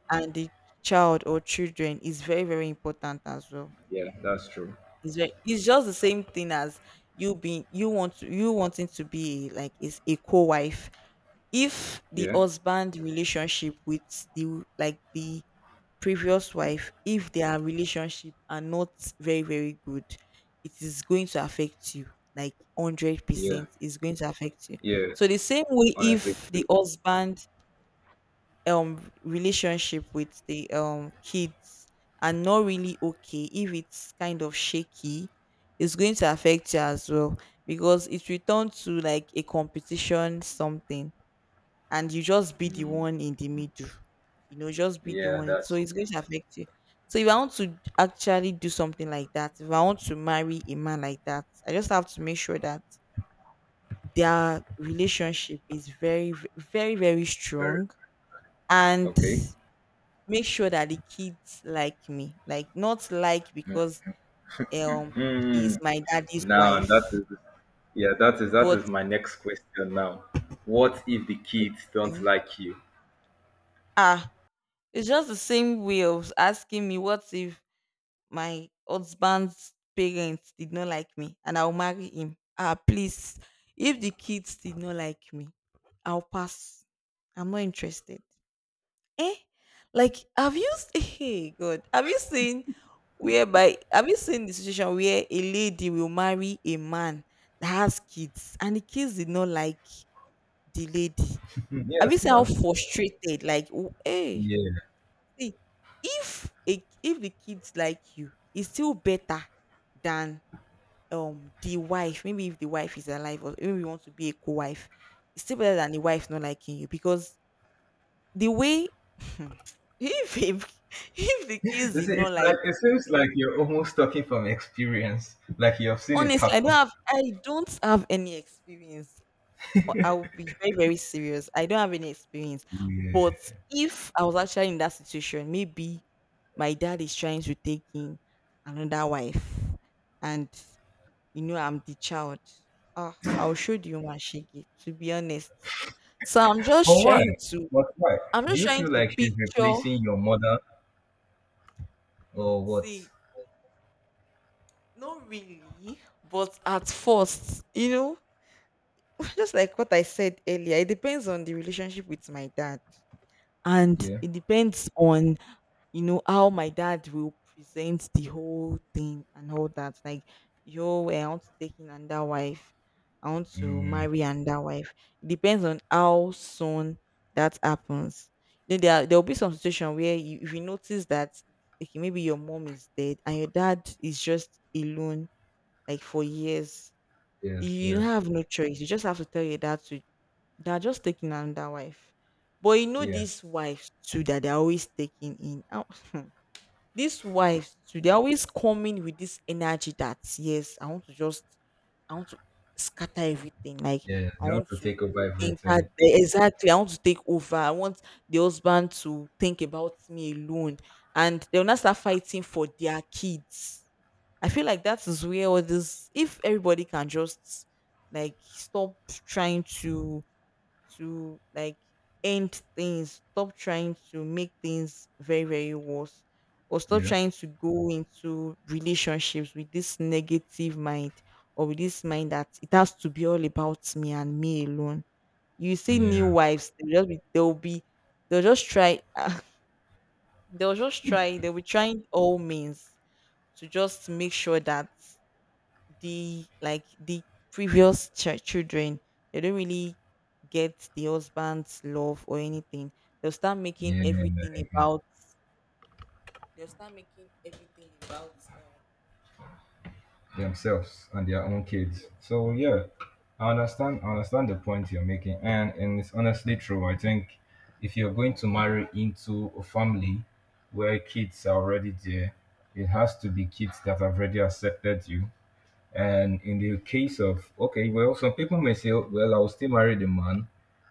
Speaker 2: and the child or children is very, very important as well.
Speaker 1: Yeah, that's true.
Speaker 2: It's, very, it's just the same thing as you being, you want to, you wanting to be like is a co-wife. If the
Speaker 1: Yeah,
Speaker 2: husband relationship with the like the previous wife, if their relationship are not very, very good, it is going to affect you, like
Speaker 1: yeah,
Speaker 2: 100% is going to affect you. So
Speaker 1: yes.
Speaker 2: the same way,
Speaker 1: Honestly,
Speaker 2: if the
Speaker 1: true.
Speaker 2: husband relationship with the kids are not really okay, if it's kind of shaky, it's going to affect you as well because it will turn to like a competition something and you just be the
Speaker 1: Mm,
Speaker 2: one in the middle, you know, just be the
Speaker 1: yeah,
Speaker 2: one. So
Speaker 1: that's
Speaker 2: it's going to affect you. So if I want to actually do something like that, if I want to marry a man like that, I just have to make sure that their relationship is very, v- very, very
Speaker 1: very
Speaker 2: strong and
Speaker 1: okay.
Speaker 2: make sure that the kids like me. Like not like because um she's
Speaker 1: Hmm.
Speaker 2: my daddy's
Speaker 1: Now, and that
Speaker 2: wife,
Speaker 1: is yeah, that
Speaker 2: but
Speaker 1: is my next question now. What if the kids don't
Speaker 2: okay.
Speaker 1: like you?
Speaker 2: Ah, it's just the same way of asking me what if my husband's parents did not like me and I'll marry him. Ah, please. If the kids did not like me, I'll pass. I'm not interested. Eh? Like, have you s- *laughs* hey God, have you seen whereby, have you seen the situation where a lady will marry a man that has kids and the kids did not like the lady?
Speaker 1: Hmm,
Speaker 2: Have you
Speaker 1: yes,
Speaker 2: seen how
Speaker 1: no.
Speaker 2: frustrated? Like, w- hey.
Speaker 1: Yeah.
Speaker 2: See, if a, if the kids like you, it's still better than the wife. Maybe if the wife is alive, or maybe you want to be a co-wife, it's still better than the wife not liking you because the way *laughs* if if if the kids did
Speaker 1: It's
Speaker 2: not like,
Speaker 1: like it seems like you're almost talking from experience, like you have seen it
Speaker 2: honestly, I don't
Speaker 1: happen.
Speaker 2: have I don't have any experience. Or I'll be very, very serious. I don't have any experience. But
Speaker 1: Yeah.
Speaker 2: if I was actually in that situation, maybe my dad is trying to take in another wife and you know I'm the child. Ah, I'll show the woman shake, to be honest. So I'm
Speaker 1: But
Speaker 2: just
Speaker 1: why?
Speaker 2: trying to
Speaker 1: But why?
Speaker 2: I'm
Speaker 1: Do
Speaker 2: just
Speaker 1: you
Speaker 2: trying
Speaker 1: feel
Speaker 2: to
Speaker 1: like she's
Speaker 2: picture,
Speaker 1: replacing your mother or what?
Speaker 2: see, not really, but at first, you know, *laughs* just like what I said earlier, it depends on the relationship with my dad and
Speaker 1: Yeah.
Speaker 2: it depends on, you know, how my dad will present the whole thing and all that, like yo, eh, I want to take in another wife, I want to
Speaker 1: Mm,
Speaker 2: marry another wife. It depends on how soon that happens. Then there will be some situation where you, if you notice that okay, maybe your mom is dead and your dad is just alone, like for years,
Speaker 1: yes,
Speaker 2: you
Speaker 1: yes.
Speaker 2: have no choice, you just have to tell your dad to, they're just taking another wife. But you know
Speaker 1: Yeah.
Speaker 2: these wives too that they're always taking in. Ow. *laughs* These wives too, they're always coming with this energy that yes, I want to just, I want to scatter everything. Like
Speaker 1: Yeah.
Speaker 2: I
Speaker 1: They want
Speaker 2: want
Speaker 1: to
Speaker 2: to
Speaker 1: take over
Speaker 2: enter
Speaker 1: everything.
Speaker 2: the- exactly, I want to take over. I want the husband to think about me alone. And they'll not start fighting for their kids. I feel like that is where all this if everybody can just like stop trying to like end things, stop trying to make things very, very worse, or stop
Speaker 1: Yeah.
Speaker 2: trying to go into relationships with this negative mind or with this mind that it has to be all about me and me alone. You see new
Speaker 1: Yeah.
Speaker 2: wives, they'll just try *laughs* they'll be trying all means to just make sure that the previous children they don't really get the husband's love or anything they'll start making
Speaker 1: Yeah. Yeah,
Speaker 2: everything
Speaker 1: yeah.
Speaker 2: about they'll start making everything about um
Speaker 1: Themselves and their own kids.
Speaker 2: yes,
Speaker 1: So yeah,
Speaker 2: exactly.
Speaker 1: I understand the point you're making, and it's honestly true. I think if you're going to marry into a family where kids are already there, it has to be kids that have already accepted you, and in the case of, okay, well, some people may say, "Oh, well, I'll still marry the man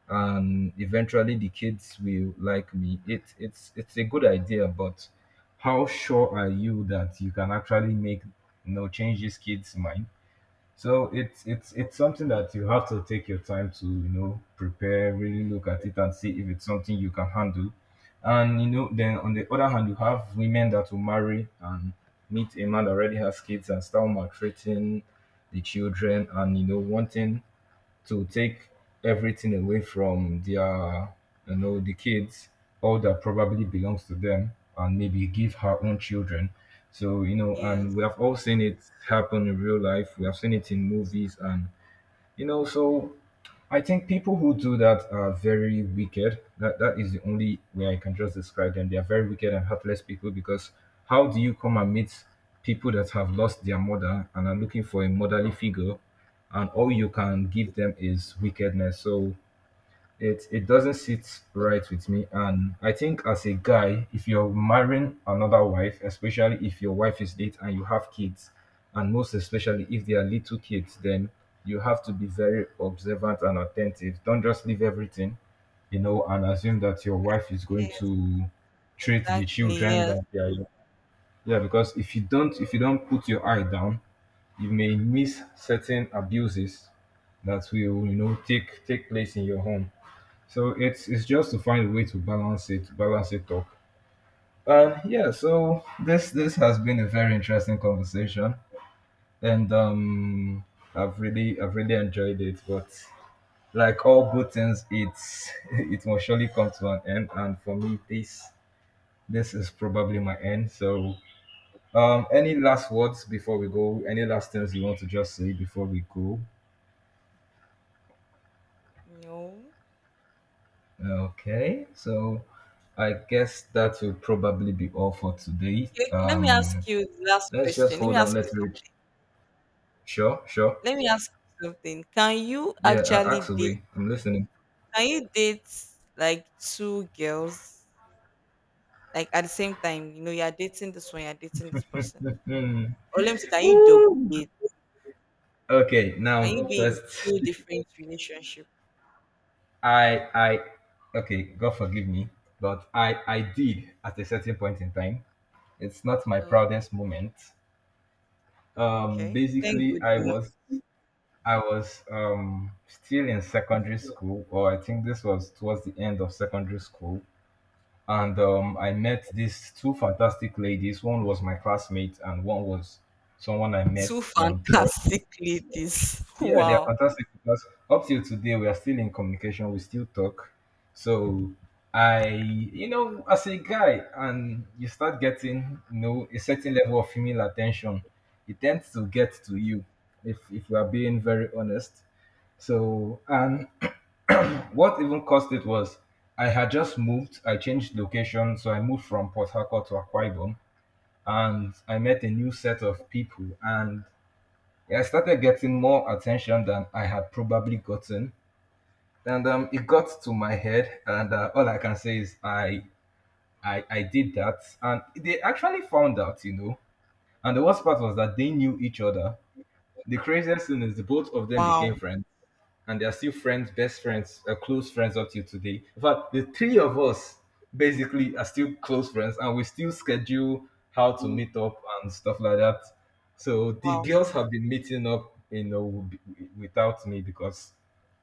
Speaker 1: and eventually the kids will like me." It's a good idea, but how sure are you that you can actually make, you know, change these kids' mind? So it's something that you have to take your time to, you know, prepare, really look at it and see if it's something you can handle. And you know, then on the other hand, you have women that will marry and meet a man that already has kids and start maltreating the children, and you know, wanting to take everything away from their, you know, the kids, all that probably belongs to them, and maybe give her own children. So, you know,
Speaker 2: Yes.
Speaker 1: and we have all seen it happen in real life. We have seen it in movies, and you know, so I think people who do that are very wicked. That is the only way I can just describe them. They are very wicked and heartless people because how do you come and meet people that have lost their mother and are looking for a motherly figure, and all you can give them is wickedness? So it doesn't sit right with me, and I think as a guy, if you're marrying another wife, especially if your wife is late and you have kids, and most especially if they are little kids, then you have to be very observant and attentive. Don't just leave everything, you know, and assume that your wife is going
Speaker 2: Yes,
Speaker 1: to treat the
Speaker 2: exactly.
Speaker 1: children
Speaker 2: Yes.
Speaker 1: that they are. Yeah, because if you don't, if you don't put your eye down, you may miss certain abuses that will, you know, take place in your home. So it's just to find a way to balance it up. And yeah, so this has been a very interesting conversation, and I've really enjoyed it. But like all good things, it's *laughs* it must surely come to an end. And for me, this is probably my end. So any last words before we go? Any last things you want to just say before we go?
Speaker 2: No,
Speaker 1: Okay, so I guess that will probably be all for today.
Speaker 2: okay, okay, let me ask you the last
Speaker 1: Let's just
Speaker 2: question, let me
Speaker 1: hold on.
Speaker 2: ask you
Speaker 1: Let's reach. Sure, sure.
Speaker 2: let me ask something. Can you
Speaker 1: Yeah,
Speaker 2: actually date
Speaker 1: actually, I'm listening.
Speaker 2: can you date like two girls, like at the same time? You know, you're dating this one, you're dating this person.
Speaker 1: Hmm.
Speaker 2: Or let me say, can you double date?
Speaker 1: Okay,
Speaker 2: Can
Speaker 1: now
Speaker 2: you be in
Speaker 1: first,
Speaker 2: two different relationship?
Speaker 1: I, I, okay, God forgive me, but I did at a certain point in time. It's not my
Speaker 2: Oh,
Speaker 1: proudest moment.
Speaker 2: okay. Thank God,
Speaker 1: Basically,
Speaker 2: you know.
Speaker 1: I was, still in secondary school, or I think this was towards the end of secondary school, and I met these two fantastic ladies. One was my classmate, and one was someone I
Speaker 2: Two *laughs*
Speaker 1: met in church.
Speaker 2: fantastic ladies.
Speaker 1: Yeah, they are
Speaker 2: Wow.
Speaker 1: fantastic because up till today we are still in communication. We still talk. So I, you know, as a guy, and you start getting, you know, a certain level of female attention, it tends to get to you. If we are being very honest, so and *clears throat* what even caused it was I had just moved. I changed location, so I moved from Port Harcourt to Akwa Ibom, and I met a new set of people, and yeah, I started getting more attention than I had probably gotten, and it got to my head. And all I can say is I did that, and they actually found out, you know. And the worst part was that they knew each other. The craziest thing is the both of them
Speaker 2: Wow.
Speaker 1: became friends, and they are still friends, best friends, close friends up till today. In fact, the three of us basically are still close friends, and we still schedule how to meet up and stuff like that. So the
Speaker 2: Wow.
Speaker 1: girls have been meeting up, you know, without me because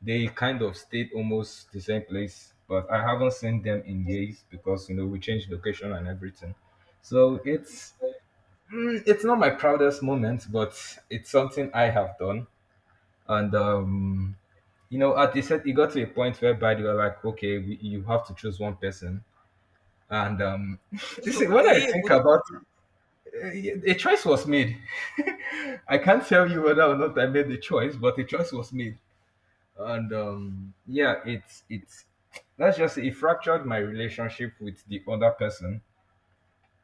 Speaker 1: they kind of stayed almost the same place, but I haven't seen them in years because you know we changed location and everything. So it's mm, it's not my proudest moment, but it's something I have done, and you know, at a set, it got to a point whereby they were like, okay, we, you have to choose one person. And *laughs* this is,
Speaker 2: *laughs*
Speaker 1: when
Speaker 2: Were
Speaker 1: I
Speaker 2: you able
Speaker 1: think
Speaker 2: to?
Speaker 1: about eh, a choice was made. *laughs* I can't tell you whether or not I made the choice, but a choice was made. And yeah, it's let's just say it fractured my relationship with the other person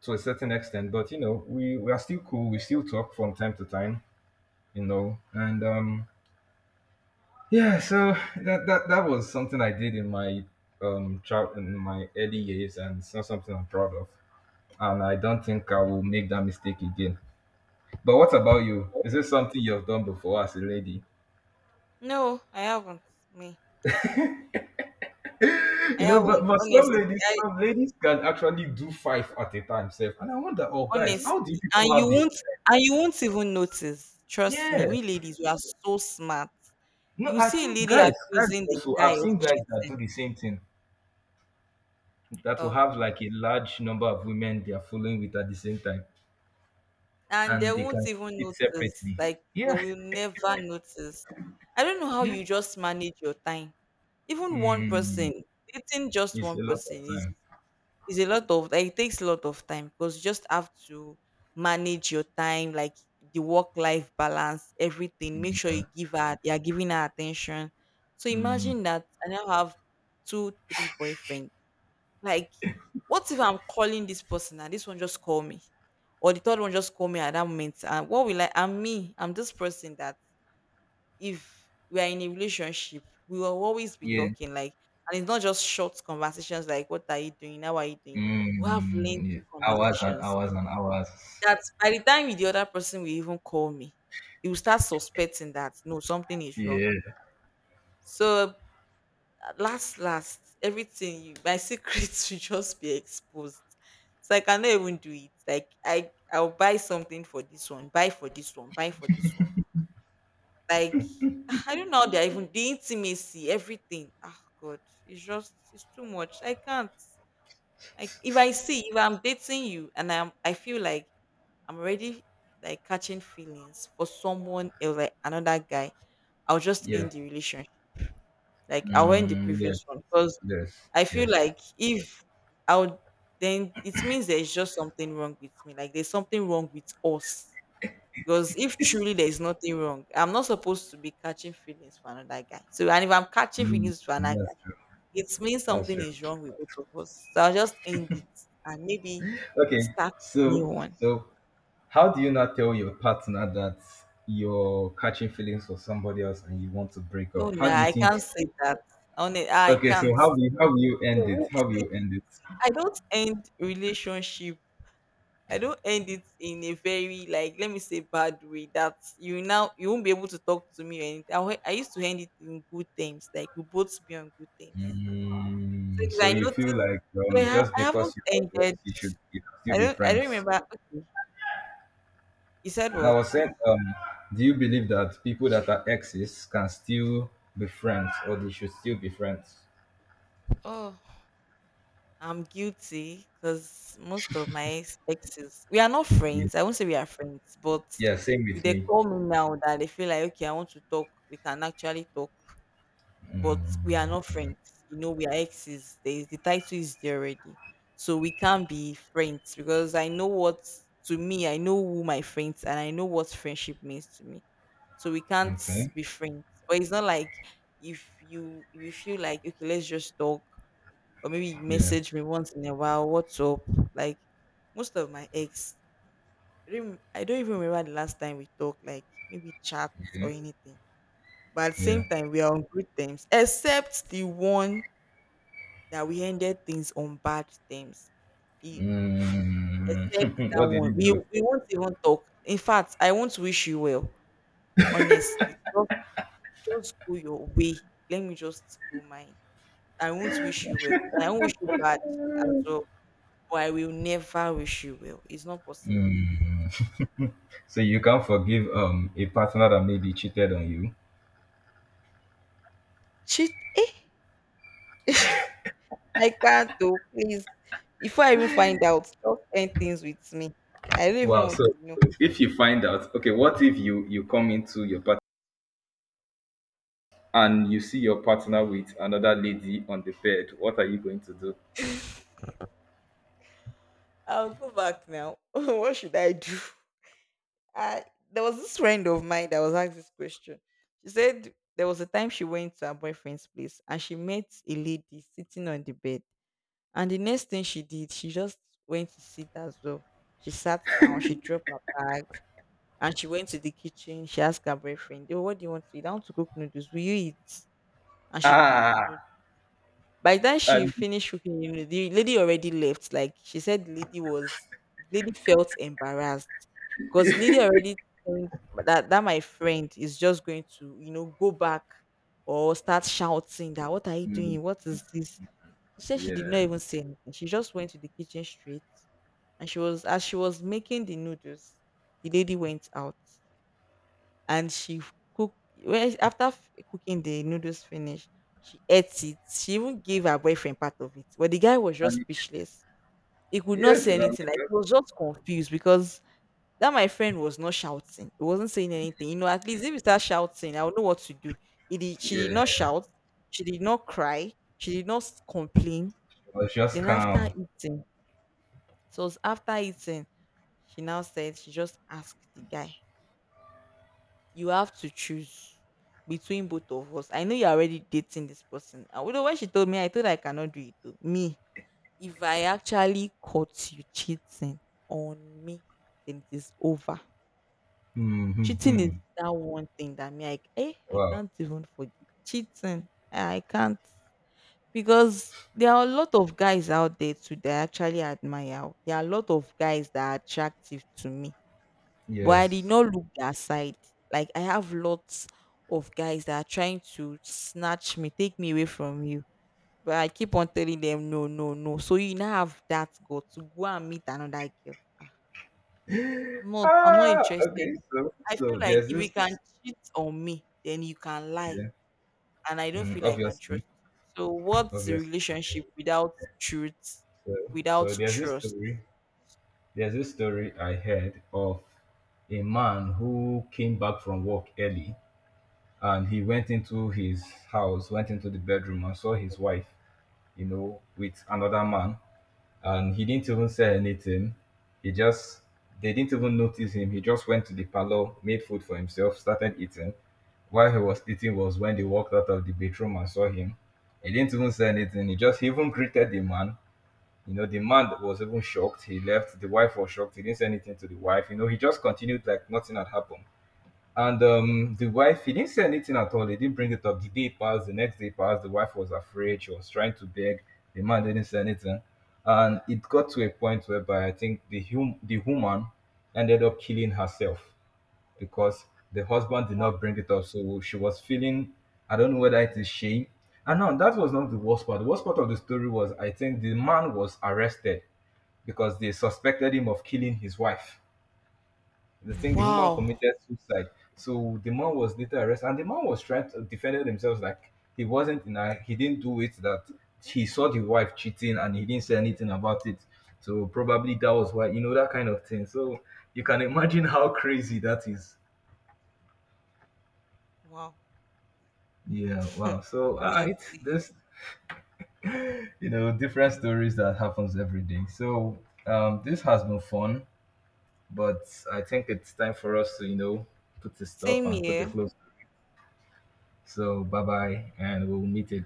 Speaker 1: to a certain extent. But you know, we are still cool. We still talk from time to time. You know, and yeah, so that was something I did in my early years, and it's not something I'm proud of. And I don't think I will make that mistake again. But what about you? Is this something you've done before as a lady?
Speaker 2: No, I haven't. Me.
Speaker 1: *laughs*
Speaker 2: I
Speaker 1: You know,
Speaker 2: haven't.
Speaker 1: but
Speaker 2: Honestly. I,
Speaker 1: some ladies can actually do five at a time, self. And I wonder, oh guys, how do you
Speaker 2: honestly. And
Speaker 1: people
Speaker 2: you
Speaker 1: have this?
Speaker 2: won't even notice. Trust me.
Speaker 1: Yeah.
Speaker 2: We ladies, we are so smart.
Speaker 1: No,
Speaker 2: You
Speaker 1: I
Speaker 2: see a
Speaker 1: think
Speaker 2: lady
Speaker 1: guys, guys
Speaker 2: accusing the
Speaker 1: also.
Speaker 2: guy
Speaker 1: I've
Speaker 2: of
Speaker 1: seen guys that
Speaker 2: cheating.
Speaker 1: do the same thing. That will
Speaker 2: Oh.
Speaker 1: have like a large number of women they are following with at the same time.
Speaker 2: And they
Speaker 1: And they
Speaker 2: won't
Speaker 1: can keep
Speaker 2: even
Speaker 1: it
Speaker 2: notice.
Speaker 1: separately.
Speaker 2: Like they
Speaker 1: Yeah,
Speaker 2: will never notice. I don't know how you just manage your time. Even one
Speaker 1: mm,
Speaker 2: person, dating just
Speaker 1: it's
Speaker 2: one
Speaker 1: a lot of
Speaker 2: person is
Speaker 1: time.
Speaker 2: a lot of, like, it takes a lot of time because you just have to manage your time, like the work life balance, everything. Make sure
Speaker 1: Yeah,
Speaker 2: you are giving her attention. So
Speaker 1: mm,
Speaker 2: imagine that I now have two, three boyfriends. Like, what if I'm calling this person and this one just call me? Or the third one just call me at that moment. And what will I'm me, I'm this person that if we are in a relationship, we will always be
Speaker 1: yeah,
Speaker 2: talking, like, and it's not just short conversations like what are you doing? How are you doing? We have
Speaker 1: mm,
Speaker 2: lengthy
Speaker 1: yeah. Hours and
Speaker 2: conversations.
Speaker 1: hours and hours.
Speaker 2: That by the time the other person will even call me, you will start suspecting that no, something is wrong.
Speaker 1: Yeah,
Speaker 2: So last last everything you my secrets *laughs* will just be exposed, so I cannot even do it. Like I'll buy something for this one, buy for this one, buy for this one, like *laughs* *sighs* I don't know how they're even the intimacy everything, oh god, it's just it's too much, I can't. Like if I see, if I'm dating you and I feel like I'm already like catching feelings for someone else, like another guy, I'll just
Speaker 1: yeah,
Speaker 2: end the relationship, like I'll end the
Speaker 1: mm, yeah,
Speaker 2: previous one because.
Speaker 1: yes,
Speaker 2: I feel
Speaker 1: yes.
Speaker 2: like if I would, then it means there's just something wrong with me. Like there's something wrong with us. Because if truly there's nothing wrong, I'm not supposed to be catching feelings for another guy. So, and if I'm catching
Speaker 1: Mm,
Speaker 2: feelings for another guy,
Speaker 1: that's true.
Speaker 2: it means
Speaker 1: That's
Speaker 2: something
Speaker 1: true.
Speaker 2: is wrong with both of us. So I'll just end it and maybe
Speaker 1: Okay,
Speaker 2: start a new
Speaker 1: so
Speaker 2: one.
Speaker 1: so how do you not tell your partner that you're catching feelings for somebody else and you want to break
Speaker 2: No,
Speaker 1: up? How
Speaker 2: nah,
Speaker 1: do you
Speaker 2: I can't
Speaker 1: think?
Speaker 2: say that. Only I
Speaker 1: Okay, so
Speaker 2: can't.
Speaker 1: how will you
Speaker 2: No,
Speaker 1: end it? How will
Speaker 2: see,
Speaker 1: you end it?
Speaker 2: I don't end relationship. I don't end it in a very, like, let me say bad way that you now you won't be able to talk to me or anything. I used to end it in good terms, like we both be on good terms. So
Speaker 1: Mm,
Speaker 2: if
Speaker 1: so
Speaker 2: I
Speaker 1: you feel
Speaker 2: notice,
Speaker 1: like just
Speaker 2: I haven't
Speaker 1: because you have ex,
Speaker 2: ended.
Speaker 1: you should you can
Speaker 2: I
Speaker 1: still be
Speaker 2: don't. I don't
Speaker 1: friends.
Speaker 2: remember. Okay, you said
Speaker 1: Now,
Speaker 2: what?
Speaker 1: I was saying, do you believe that people that are exes can still be friends, or they should still be friends?
Speaker 2: Oh, I'm guilty because most of my exes we are not
Speaker 1: Yeah,
Speaker 2: friends. I won't say we are friends, but
Speaker 1: yeah, same
Speaker 2: if
Speaker 1: with
Speaker 2: they
Speaker 1: me.
Speaker 2: call me now that they feel like okay, I want to talk, we can actually talk. But we are not friends. You know, we are exes. There is, the title is there already. So we can't be friends because I know what, to me, I know who my friends and I know what friendship means to me. So we can't
Speaker 1: Okay.
Speaker 2: be friends. But it's not like if you feel like, okay, let's just talk or maybe you
Speaker 1: Yeah.
Speaker 2: message me once in a while, what's up? Like most of my ex, I don't even remember the last time we talked, like maybe chats or
Speaker 1: Okay.
Speaker 2: anything. But at the
Speaker 1: Yeah.
Speaker 2: same time, we are on good terms, except the one that we ended things on bad terms. E- Except
Speaker 1: Mm, *laughs*
Speaker 2: that
Speaker 1: what did you
Speaker 2: one. We
Speaker 1: do?
Speaker 2: we won't even talk. In fact, I want to wish you well. Honestly. Just go your way. Let me just go mine. I won't wish you well. I won't wish you bad as well. But I will never wish you well. It's not possible.
Speaker 1: So you can't forgive a partner that maybe cheated on you.
Speaker 2: Cheat *laughs* I can't though, please. Before I even find out, just end things with me. I don't even
Speaker 1: Wow.
Speaker 2: want
Speaker 1: So,
Speaker 2: to know.
Speaker 1: so if you find out, okay, what if you come into your partner and you see your partner with another lady on the bed, what are you going to do?
Speaker 2: I'll go back now. *laughs* What should I do? I There was this friend of mine that was asked this question. She said there was a time she went to her boyfriend's place and she met a lady sitting on the bed. And the next thing she did, she just went to sit as well. She sat down, she dropped her bag, and she went to the kitchen. She asked her boyfriend, oh, what do you want to eat? I want to cook noodles. Will you eat? And she cooked the noodles.
Speaker 1: Ah,
Speaker 2: By the time she
Speaker 1: and
Speaker 2: finished cooking, you know, the lady already left. Like she said, the lady was, the lady felt embarrassed because lady already think that my friend is just going to, you know, go back or start shouting that what are you
Speaker 1: mm,
Speaker 2: doing? What is this? She said she did not
Speaker 1: yeah,
Speaker 2: even say anything. She just went to the kitchen straight, and she was as she was making the noodles, the lady went out and she cook, well, after cooking the noodles finish, she ate it, she even gave her boyfriend part of it, but the guy was just
Speaker 1: and
Speaker 2: speechless, he could not
Speaker 1: yes,
Speaker 2: say
Speaker 1: that was
Speaker 2: anything, like he
Speaker 1: just,
Speaker 2: was just confused because that my friend was not shouting, he wasn't saying anything, you know. At least if you start shouting I would know what to do. She did not
Speaker 1: yeah,
Speaker 2: shout, she did not cry, she did not complain.
Speaker 1: it was just
Speaker 2: Then after
Speaker 1: calm.
Speaker 2: eating So it was after eating she now said she just asked the guy, you have to choose between both of us. I know you're already dating this person. And you know, when she told me, I thought I cannot do it too. Me, if I actually caught you cheating on me, then it is over.
Speaker 1: Hmm, hmm,
Speaker 2: Cheating is
Speaker 1: hmm.
Speaker 2: that one thing that me like, eh, I
Speaker 1: Wow,
Speaker 2: can't even forgive. Cheating, ah, I can't, because there are a lot of guys out there too that I actually admire. There are a lot of guys that are attractive to me but I did
Speaker 1: yes.
Speaker 2: not look that side. Like I have lots of guys that are trying to snatch me, take me away from you. But I keep on telling them no, no, no. So you now have that go to go and meet another girl. Ah, I'm not
Speaker 1: Ah,
Speaker 2: interested.
Speaker 1: okay. So,
Speaker 2: I feel
Speaker 1: so
Speaker 2: like
Speaker 1: there's
Speaker 2: if you can
Speaker 1: this,
Speaker 2: cheat on me, then you can lie.
Speaker 1: yeah,
Speaker 2: And I don't
Speaker 1: mm,
Speaker 2: feel like I can
Speaker 1: obviously,
Speaker 2: trust you. So what's the
Speaker 1: obviously.
Speaker 2: relationship without truth,
Speaker 1: So,
Speaker 2: without
Speaker 1: so there's this
Speaker 2: trust?
Speaker 1: story. There's this story I heard of a man who came back from work early and he went into his house, went into the bedroom and saw his wife, you know, with another man. And he didn't even say anything. He just they didn't even notice him. He just went to the parlor, made food for himself, started eating. While he was eating was when they walked out of the bedroom and saw him. He didn't even say anything. He just he even greeted the man. You know, the man was even shocked. He left. The wife was shocked. He didn't say anything to the wife. You know, he just continued like nothing had happened. And the wife, he didn't say anything at all. He didn't bring it up. The day passed, the next day passed. The wife was afraid. She was trying to beg. The man didn't say anything. And it got to a point whereby I think the, the woman ended up killing herself because the husband did
Speaker 2: Wow.
Speaker 1: not bring it up. So she was feeling, I don't know whether it is shame. And now that was not the worst part. The worst part of the story was I think the man was arrested because they suspected him of killing his wife. The thing, the woman
Speaker 2: Wow.
Speaker 1: committed suicide. So the man was later arrested, and the man was trying to defend himself like he wasn't in a, he didn't do it. That he saw the wife cheating, and he didn't say anything about it. So probably that was why you know that kind of thing. So you can imagine how crazy that is. Yeah, wow.
Speaker 2: *laughs*
Speaker 1: So it's
Speaker 2: Honestly,
Speaker 1: this, you know, different stories that happens every day. So this has been fun, but I think it's time for us to you know put a stop
Speaker 2: same
Speaker 1: and put a
Speaker 2: here.
Speaker 1: close. So bye bye, and we'll meet again.